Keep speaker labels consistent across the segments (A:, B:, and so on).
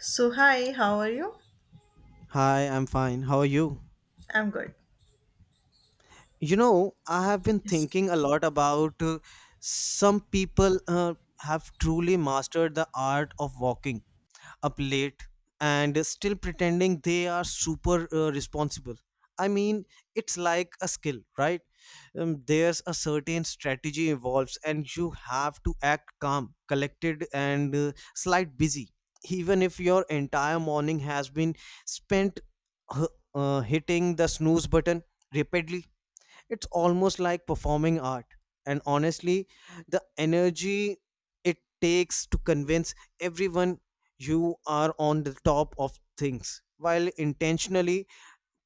A: So, hi, how are you?
B: Hi, I'm fine. How are you?
A: I'm good.
B: You know, I have been
A: Yes.
B: thinking a lot about some people have truly mastered the art of walking up late and still pretending they are super responsible. I mean, it's like a skill, right? There's a certain strategy involves, and you have to act calm, collected, and slight busy, even if your entire morning has been spent uh, hitting the snooze button repeatedly. It's almost like performing art, and honestly the energy it takes to convince everyone you are on the top of things while intentionally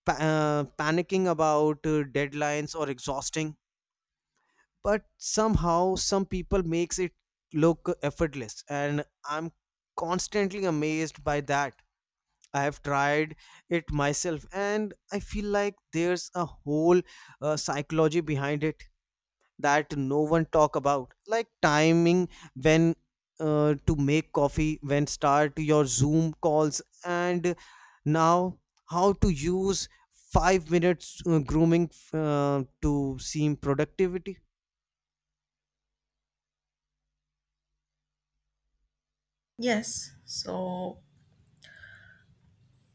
B: panicking about deadlines or exhausting, but somehow some people makes it look effortless and I'm constantly amazed by that. I have tried it myself and I feel like there's a whole psychology behind it that no one talk about, like timing when to make coffee, when start your zoom calls, and now how to use 5 minutes grooming to seem productivity.
A: Yes. So,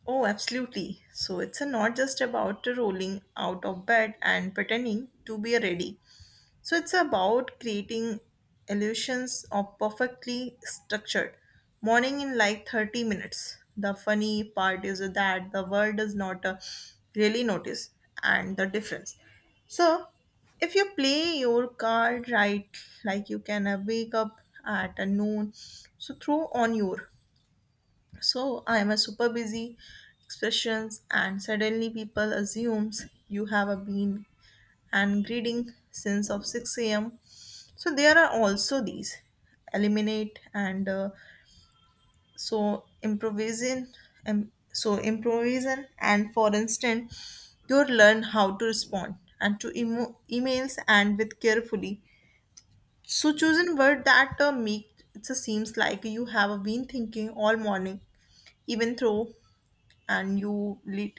A: oh, absolutely. So, it's not just about rolling out of bed and pretending to be ready. So it's about creating illusions of perfectly structured morning in like 30 minutes. The funny part is that the world does not really notice and the difference. So if you play your card right, like you can wake up at a noon, so throw on your. So I am a super busy expressions and suddenly people assumes you have a been and greeting since of 6 a.m, so there are also these eliminate and so improvising so improvising and for instance you learn how to respond and to emails and with carefully so choosing word that make it seems like you have been thinking all morning, even though and you lit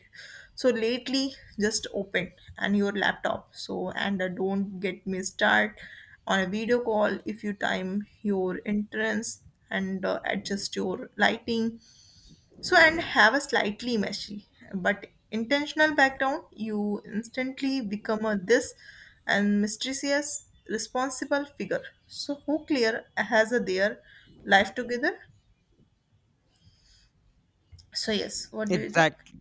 A: so lately just open and your laptop, so and don't get me start on a video call. If you time your entrance and adjust your lighting, so and have a slightly messy but intentional background, you instantly become a this and mysterious responsible figure so who clear has a their life together. So yes, what do you think?
B: Exactly.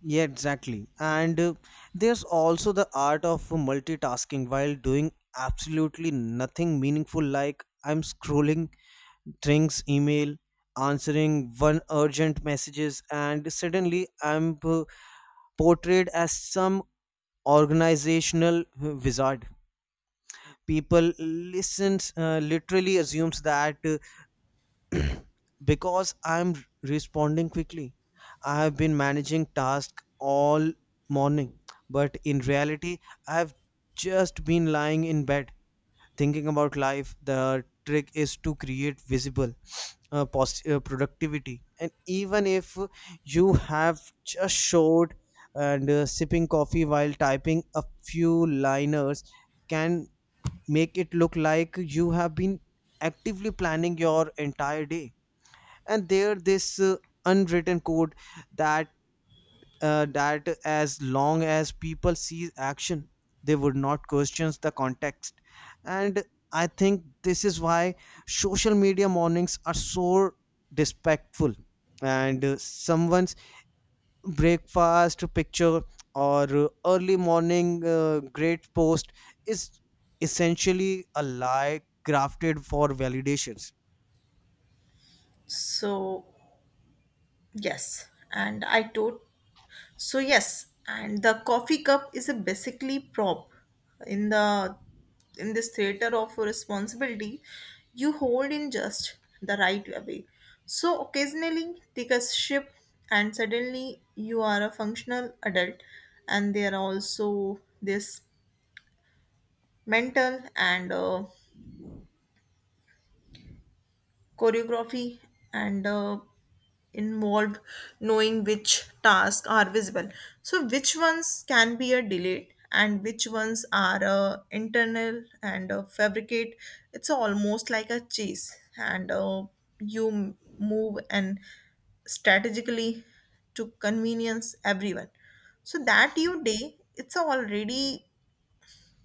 B: Yeah, exactly. And there's also the art of multitasking while doing absolutely nothing meaningful, like I'm scrolling Drinks email, answering one urgent messages, and suddenly I'm portrayed as some organizational wizard. People listens literally assumes that because I'm responding quickly, I have been managing tasks all morning. But in reality, I've just been lying in bed thinking about life. The trick is to create visible productivity, and even if you have just showed and sipping coffee while typing a few liners can make it look like you have been actively planning your entire day. And there this unwritten code that that as long as people see action, they would not question the context. And I think this is why social media mornings are so despectful. And someone's breakfast picture or early morning great post is essentially a lie crafted for validations.
A: so Yes, and I tot so yes, and the coffee cup is a basically prop in the in this theater of responsibility you hold in just the right way. So occasionally take a sip and suddenly you are a functional adult, and there are also this mental and choreography and involved, knowing which tasks are visible, so which ones can be a delayed, and which ones are internal and fabricate. It's almost like a chase, and you move and strategically to convenience everyone so that your day it's already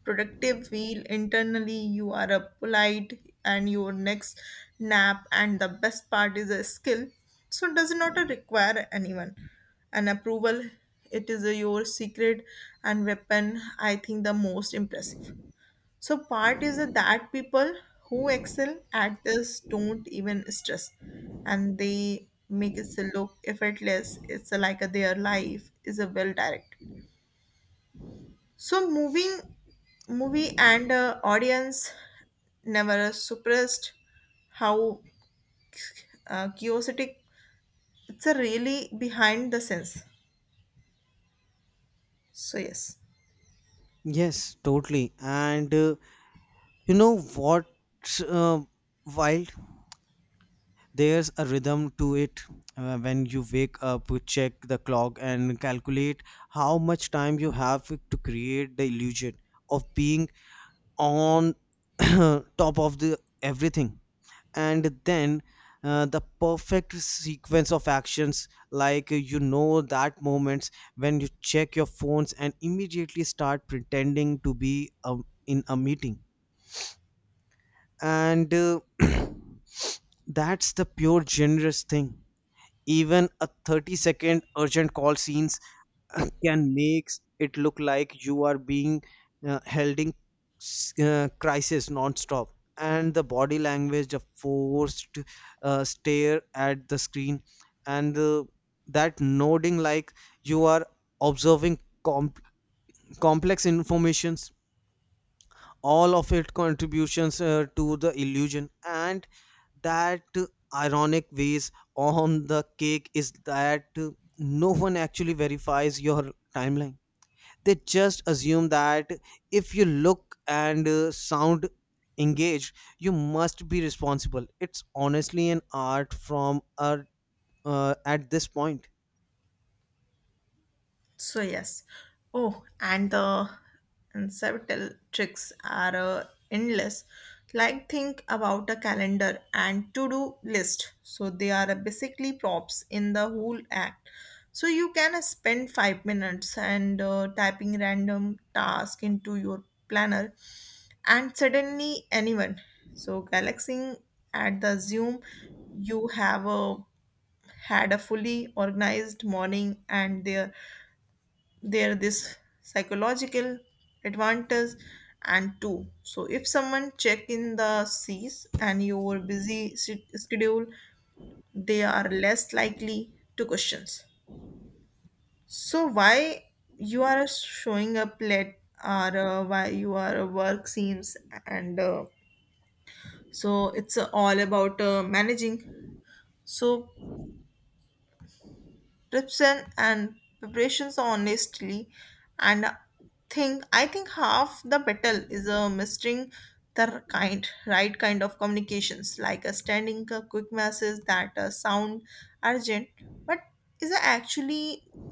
A: productive wheel internally you are a polite and your next nap. And the best part is a skill so does not require anyone an approval. It is your secret and weapon. I think the most impressive so part is that people who excel at this don't even stress, and they make it look effortless. It's like their life is a well directed so moving movie and audience never suppressed how curiosity it's a really behind the sense. So yes.
B: Yes, totally. And you know what? Uh, Wild? There's a rhythm to it. When you wake up you check the clock and calculate how much time you have to create the illusion of being on top of the everything, and then the perfect sequence of actions, like you know that moments when you check your phones and immediately start pretending to be in a meeting and that's the pure generous thing. Even a 30-second urgent call scenes can make it look like you are being held in crisis non-stop. And the body language a forced stare at the screen and that nodding like you are observing com- complex information. All of it contributions to the illusion, and that ironic ways on the cake is that no one actually verifies your timeline. They just assume that if you look and sound engaged you must be responsible. It's honestly an art from at this point.
A: So yes. Oh, and the and several tricks are endless. Like think about a calendar and to-do list. So they are basically props in the whole act. So you can spend 5 minutes and typing random task into your planner, and suddenly anyone. So galaxying at the Zoom, you have a had a fully organized morning, and there this psychological advantage and two so if someone check in the seas and your busy schedule, they are less likely to questions so why you are showing up late or why you are a work seems and so it's all about managing so preparation and preparations honestly. And think I think half the battle is mastering the kind right kind of communications, like a standing a quick message that sound urgent but is actually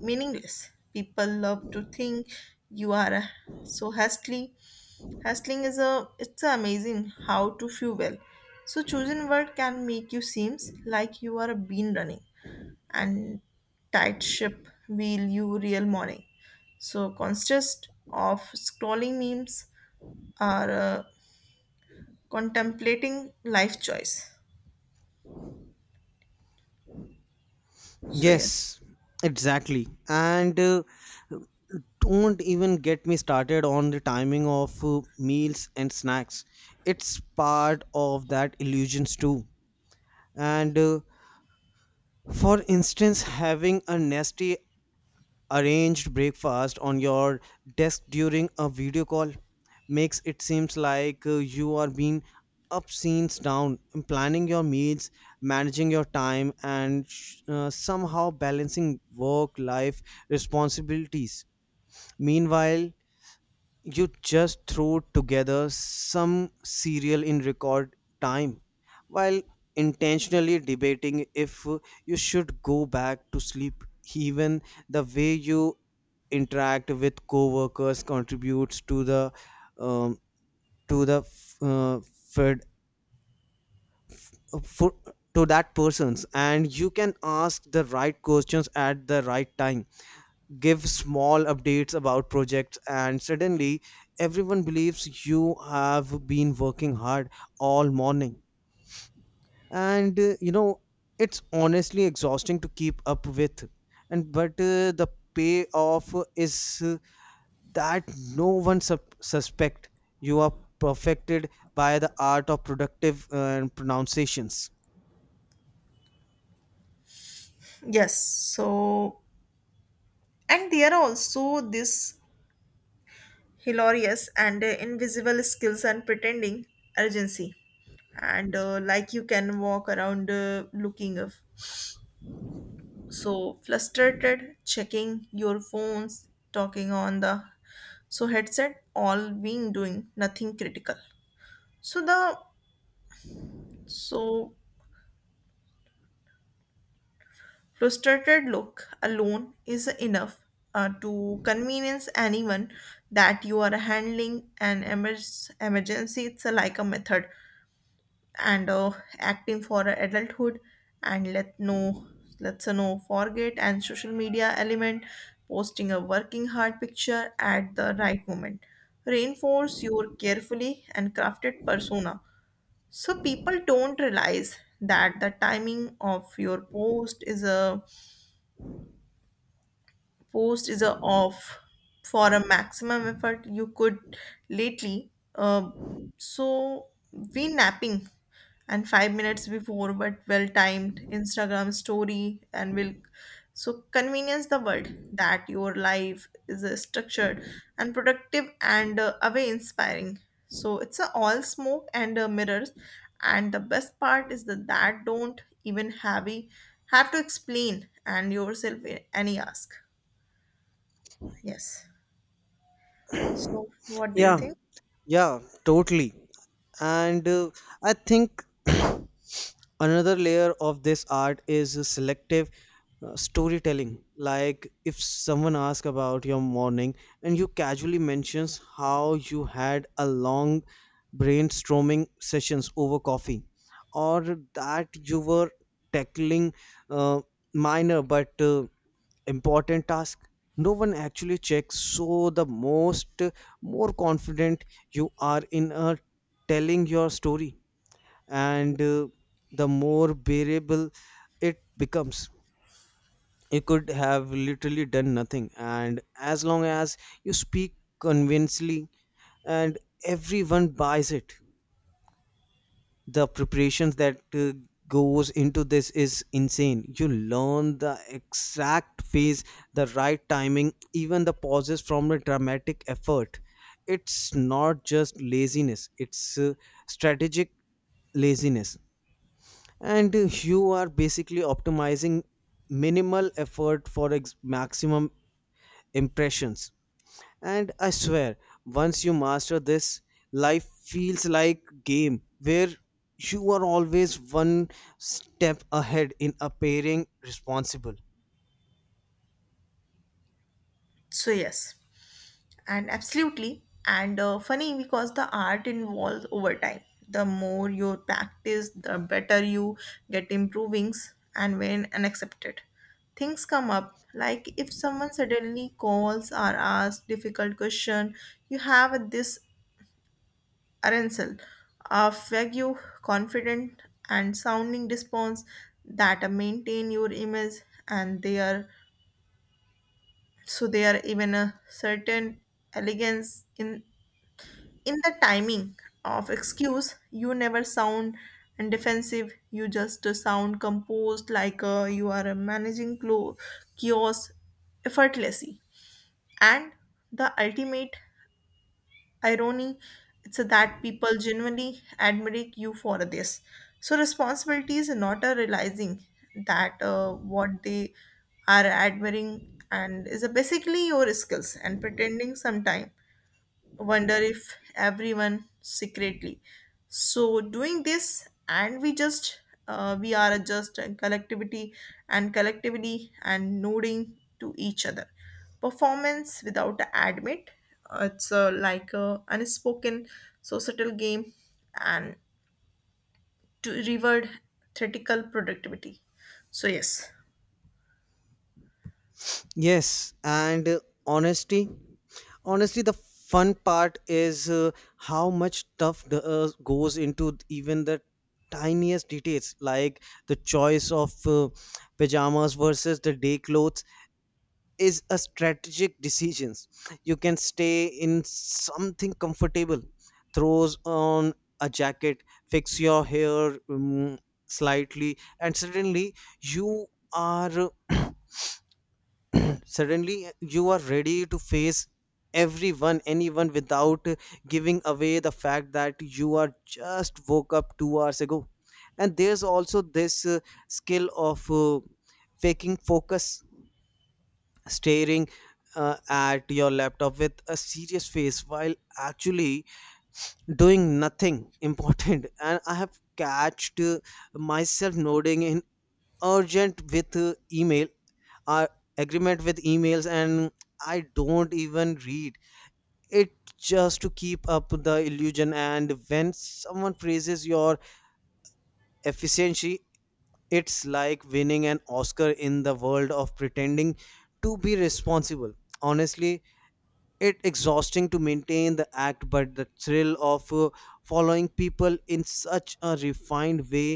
A: meaningless. People love to think you are so hastily hustling is a it's amazing how to fuel so chosen word can make you seems like you are a bean running and tight ship will you real morning. So consist of scrolling memes or contemplating life choice. So yes,
B: Yes, exactly. And don't even get me started on the timing of meals and snacks. It's part of that illusions too. And for instance, having a nasty arranged breakfast on your desk during a video call makes it seems like you are being up scenes down, planning your meals, managing your time, and somehow balancing work life responsibilities. Meanwhile you just threw together some cereal in record time while intentionally debating if you should go back to sleep. Even the way you interact with coworkers contributes to the um, to the uh, fed, uh, for, to that person's, and you can ask the right questions at the right time, give small updates about projects, and suddenly everyone believes you have been working hard all morning. And you know, it's honestly exhausting to keep up with. And but the payoff is that no one suspect you are perfected by the art of productive pronunciations.
A: yes. So and there are also this hilarious and invisible skills and pretending urgency. And like you can walk around looking of so frustrated, checking your phones, talking on the so headset all been doing nothing critical so the so frustrated look alone is enough to convenience anyone that you are handling an emergency. It's a, like a method and acting for adulthood, and let no let's no forget and social media element posting a working hard picture at the right moment reinforce your carefully and crafted persona. So people don't realize that the timing of your post is a off for a maximum effort you could lately so we napping and 5 minutes before but well timed Instagram story and will so convenience the world that your life is structured and productive and away inspiring. So it's a all smoke and mirrors, and the best part is that don't even have to explain and yourself any ask. Yes. So, what do you
B: Yeah,
A: think?
B: yeah, totally. And I think another layer of this art is selective storytelling, like if someone asks about your morning and you casually mentions how you had a long brainstorming sessions over coffee, or that you were tackling uh, minor but important task. No one actually checks. So the most more confident you are in telling your story and the more bearable it becomes. You could have literally done nothing and as long as you speak convincingly, and everyone buys it. The preparations that goes into this is insane. You learn the exact phase, the right timing, even the pauses from a dramatic effort. It's not just laziness, it's strategic laziness. And you are basically optimizing minimal effort for maximum impressions, and I swear, once you master this, life feels like game where you are always one step ahead in appearing responsible.
A: So, yes, and absolutely. And funny because the art involves over time. The more you practice, the better you get improvings, and when unaccepted, things come up. Like if someone suddenly calls or asks difficult question, you have this arsenal of vague, confident, and sounding response that maintain your image. And their so there are even a certain elegance in the timing of excuse. You never sound and defensive, you just sound composed, like you are managing chaos effortlessly. And the ultimate irony it's that people genuinely admire you for this so responsibility is not a realizing that what they are admiring and is a basically your skills and pretending. Sometime wonder if everyone secretly so doing this, and we just we are just a collectivity and collectively and nodding to each other performance without admit. It's like a unspoken societal game and to reward theoretical productivity. So yes.
B: Yes, and honesty. Honestly, the fun part is how much stuff the, goes into even the tiniest details, like the choice of pajamas versus the day clothes, is a strategic decisions. You can stay in something comfortable, throws on a jacket, fix your hair slightly, and suddenly you are suddenly you are ready to face everyone anyone without giving away the fact that you are just woke up 2 hours ago. And there's also this skill of faking focus, staring at your laptop with a serious face while actually doing nothing important. And I have catched myself nodding in urgent with email uh, agreement with emails and I don't even read it, just to keep up the illusion. And when someone praises your efficiency, it's like winning an oscar in the world of pretending to be responsible. Honestly, it' exhausting to maintain the act, but the thrill of following people in such a refined way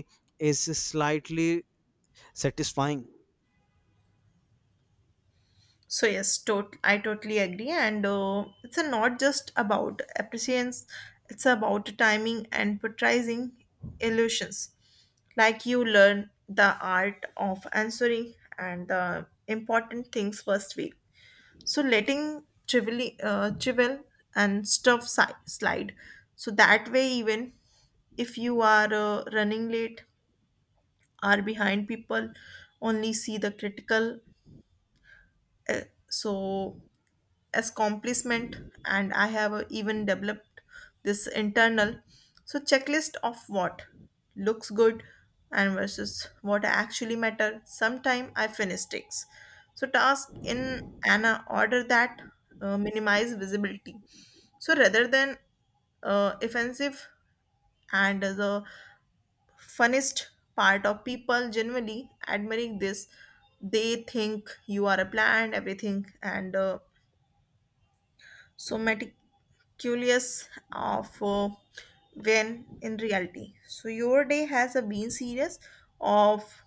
B: is slightly satisfying.
A: So yes, I totally agree, and it's a not just about appreciations; it's about timing and portraying illusions. Like you learn the art of answering and the important things first week. So letting trivial, trivial and stuff slide. So that way, even if you are running late, are behind people, only see the critical uh, so accomplishment. And I have even developed this internal so checklist of what looks good and versus what actually matter. Sometime I finish takes so task in an order that minimize visibility so rather than offensive. And the funnest part of people generally admiring this, they think you are a plan everything and so meticulous of when in reality. So your day has a been series of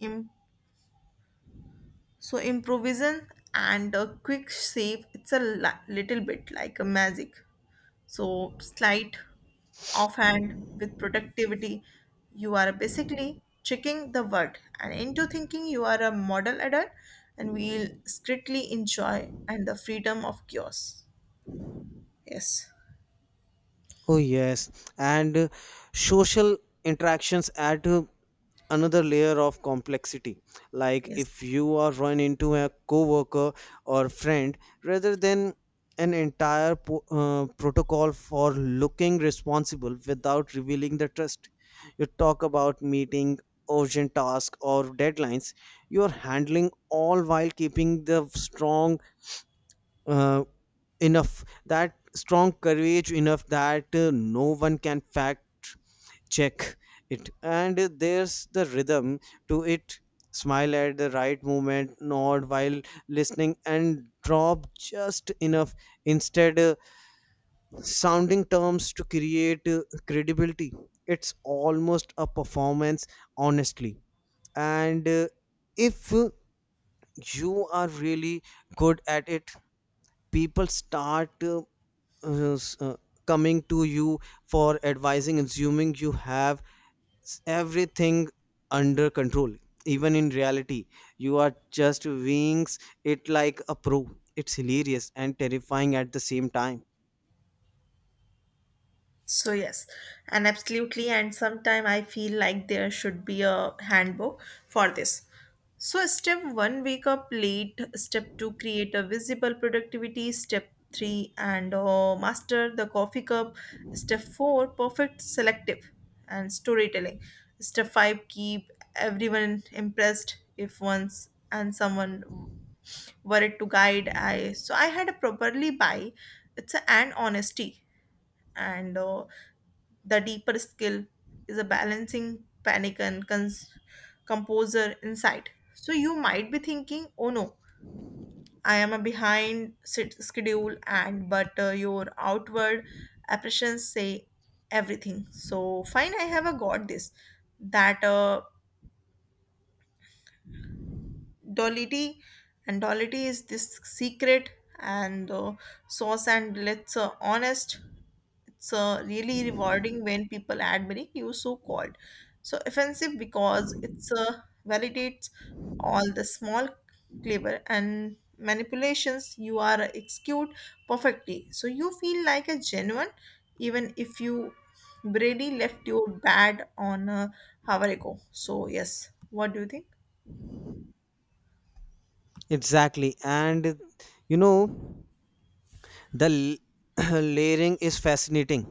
A: im- so improvisation and a quick save. It's a little bit like a magic. So slight offhand with productivity, you are basically tricking the world and into thinking you are a model adult and we'll strictly enjoy and the freedom of chaos. Yes.
B: Oh yes, and social interactions add another layer of complexity. Like
A: Yes.
B: if you are run into a coworker or friend, rather than an entire protocol for looking responsible without revealing the trust. You talk about meeting urgent tasks or deadlines. You are handling all while keeping the strong uh, enough that strong courage enough that no one can fact check it. And there's the rhythm to it. Smile at the right moment, nod while listening, and drop just enough instead sounding terms to create credibility. It's almost a performance, honestly. And if you are really good at it, people start uh, s- uh, coming to you for advising, assuming you have everything under control, even in reality you are just wings it like a pro. It's hilarious and terrifying at the same time.
A: So yes, and absolutely, and sometime I feel like there should be a handbook for this. So step one, wake up late. Step two, create a visible productivity. Step three, and master the coffee cup. Step four, perfect selective and storytelling. Step five, keep everyone impressed if once and someone were it to guide. I so I had a properly buy. It's a, and honesty and. The deeper skill is a balancing panic and composure inside. So you might be thinking, "Oh no, I am a behind schedule," and but your outward apprehensions say everything. So fine, I have a got this. That duality and duality is this secret and sauce. And let's honest it's really rewarding when people admiring you so called so offensive because it's validates all the small clever and manipulations you are execute perfectly. So you feel like a genuine even if you brady left you bad on a hour ago. So yes, what do you think?
B: Exactly, and you know the layering is fascinating.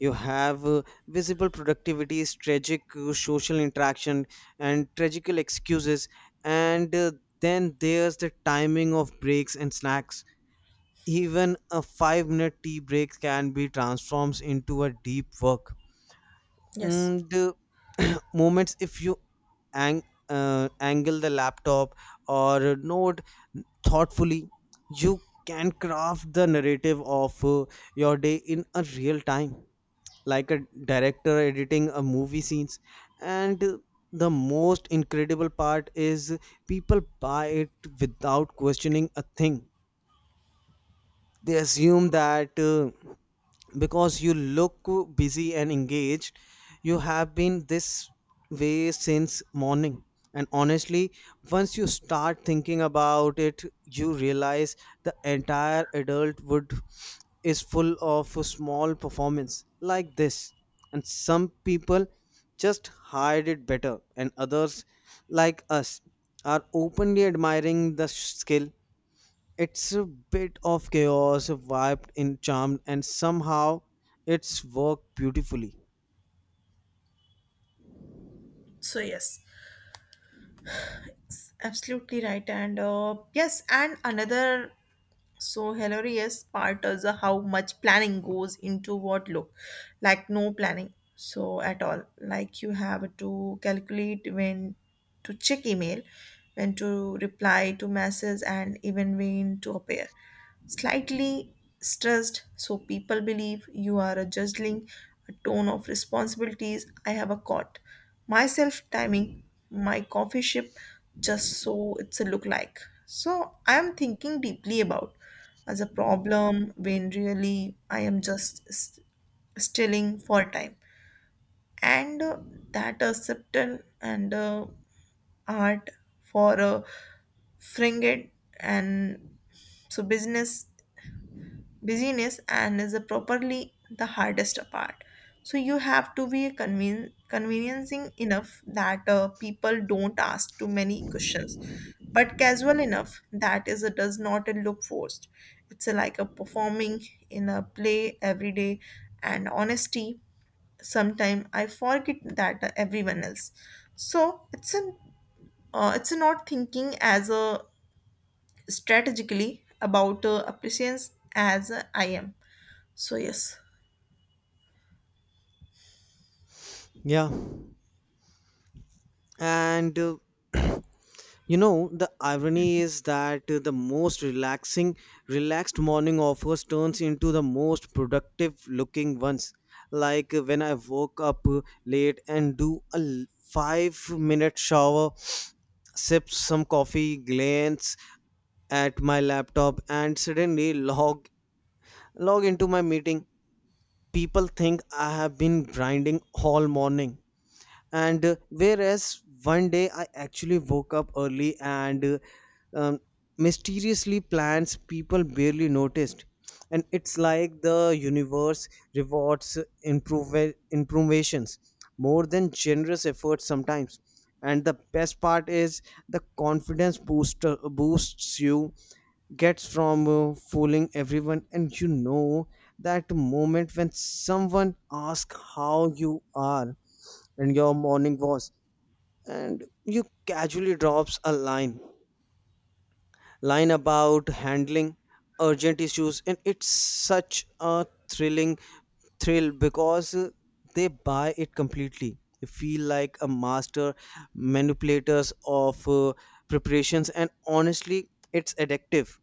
B: You have visible productivity, tragic social interaction and tragical excuses. And then there's the timing of breaks and snacks. Even a 5-minute tea break can be transformed into a deep work
A: Yes.
B: and moments. If you angle the laptop or node thoughtfully, you can craft the narrative of your day in a real time, like a director editing a movie scenes. And the most incredible part is people buy it without questioning a thing. They assume that because you look busy and engaged, you have been this way since morning. And honestly, once you start thinking about it, you realize the entire adulthood is full of small performance like this. And some people just hide it better, and others like us are openly admiring the skill. It's a bit of chaos wiped in Charmed, and somehow it's worked beautifully.
A: So yes, it's absolutely right, and yes, and another so hilarious part is how much planning goes into what look like no planning so at all. Like you have to calculate when to check email, when to reply to messages, and even when to appear slightly stressed so people believe you are a juggling a ton of responsibilities. I have a caught myself timing my coffee ship just so it's a look like so I am thinking deeply about as a problem, when really I am just stilling for time. And that acceptance and art for a fringed and so business busyness and is the properly the hardest part. So you have to be conveniencing enough that people don't ask too many questions but casual enough that is it does not look forced. It's a, like a performing in a play every day. And honesty sometime I forget that everyone else so it's an it's not thinking as a strategically about appreciation as I am. So yes,
B: Yeah, and you know the irony is that relaxed morning of hers turns into the most productive-looking ones. Like when I woke up late and do a five-minute shower, sip some coffee, glance at my laptop, and suddenly log into my meeting. People think I have been grinding all morning. And whereas one day I actually woke up early and um, mysteriously plans people barely noticed. And it's like the universe rewards improvisations more than generous efforts sometimes. And the best part is the confidence booster boosts you gets from fooling everyone. And you know that moment when someone asks how you are and your morning was, and you casually drops a line about handling urgent issues, and it's such a thrill because they buy it completely. They feel like a master manipulators of preparations, and honestly it's addictive.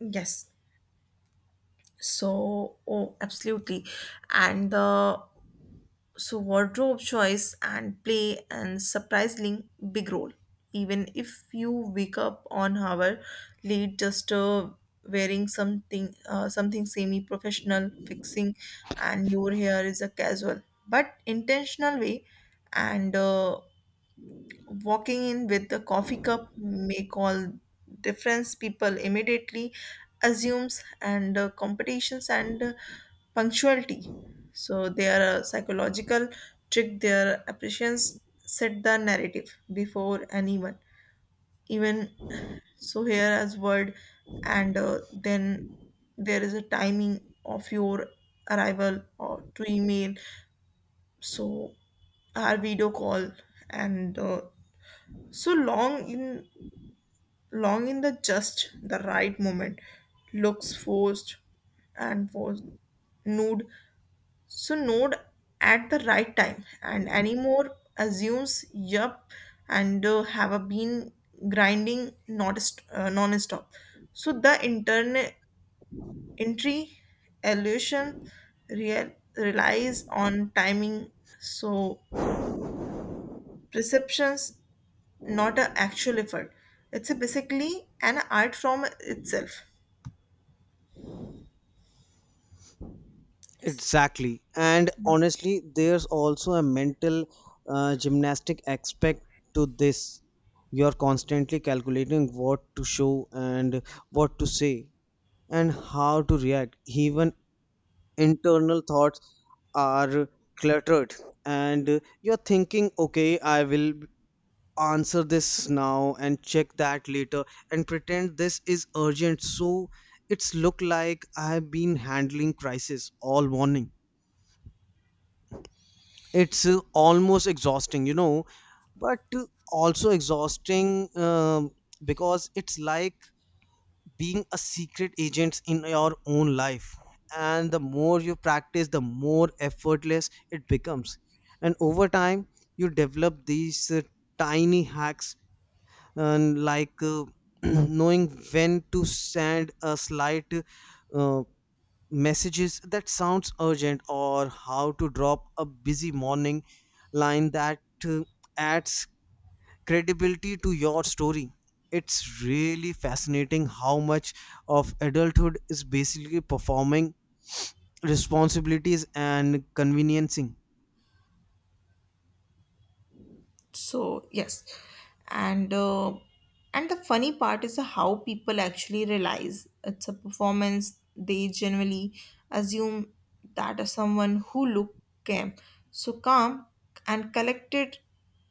A: yes. So oh, absolutely. And the so wardrobe choice and play and surprisingly big role. Even if you wake up on hour late, just wearing something something semi-professional, fixing, and your hair is a casual but intentional way, and walking in with a coffee cup make all difference. People immediately assumes and competitions and punctuality. So they are a psychological trick their appreciations set the narrative before anyone even so here as word. And then there is a timing of your arrival or to email so our video call and so long in the just the right moment looks forced and was nude so nude at the right time and anymore assumes yup, and have a been grinding not non-stop. So the intern entry illusion real relies on timing so perceptions not an actual effort. It's a basically an art from itself.
B: Exactly. And honestly, there's also a mental gymnastic aspect to this. You're constantly calculating what to show and what to say and how to react. Even internal thoughts are cluttered, and you're thinking, okay, I will answer this now and check that later and pretend this is urgent. So it's look like I've been handling crisis all morning. It's almost exhausting, you know, but also exhausting, because it's like being a secret agent in your own life. And the more you practice the more effortless it becomes. And over time you develop these tiny hacks, and like knowing when to send a slight uh, messages that sounds urgent, or how to drop a busy morning line that uh, adds credibility to your story. It's really fascinating how much of adulthood is basically performing responsibilities and conveniencing.
A: So yes, and uh, and the funny part is how people actually realize it's a performance. They generally assume that as someone who look calm so calm and collected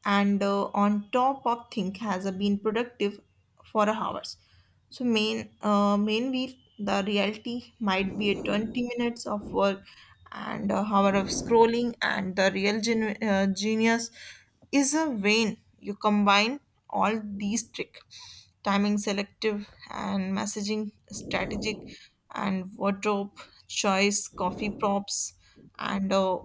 A: and on top of think has been productive for hours so main wheel, the reality might be a 20 minutes of work and a hour of scrolling, and the real genius is a vein. You combine all these trick, timing selective and messaging strategic, and wardrobe choice, coffee props, and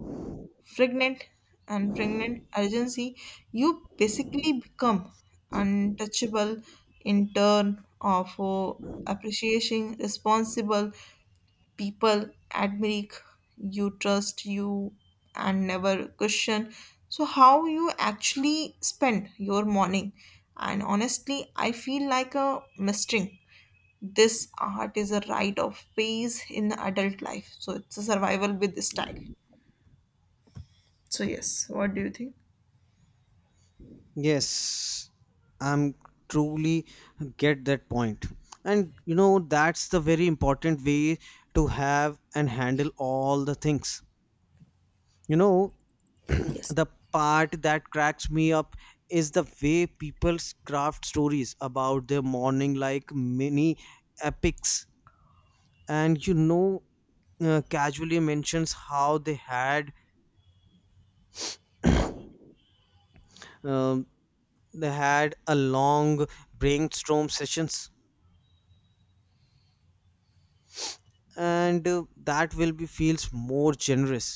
A: pregnant and pregnant urgency, you basically become untouchable in turn of appreciating responsible people admire you, trust you, and never question. So, how you actually spend your morning? And honestly, I feel like a mistake. This art is a rite of phase in adult life, so it's a survival with style. So, yes, what do you think?
B: Yes, I'm truly get that point, and you know that's the very important way to have and handle all the things. You know,
A: Yes,
B: the part that cracks me up is the way people craft stories about their morning like mini epics. And you know, casually mentions how they had um, a long brainstorm sessions, and that will be feels more generous.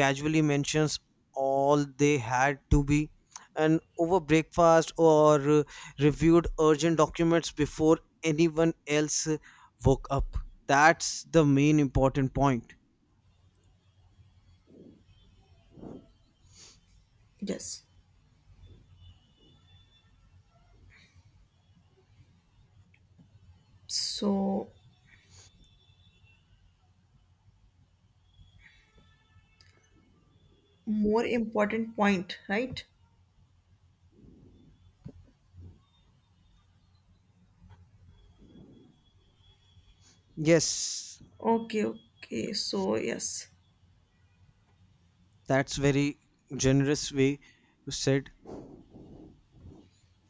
B: Casually mentions all they had to be and over breakfast or reviewed urgent documents before anyone else woke up. That's the main important point.
A: yes. So, more important point, right?
B: Yes,
A: Okay, okay. So, yes.
B: that's very generous way you said.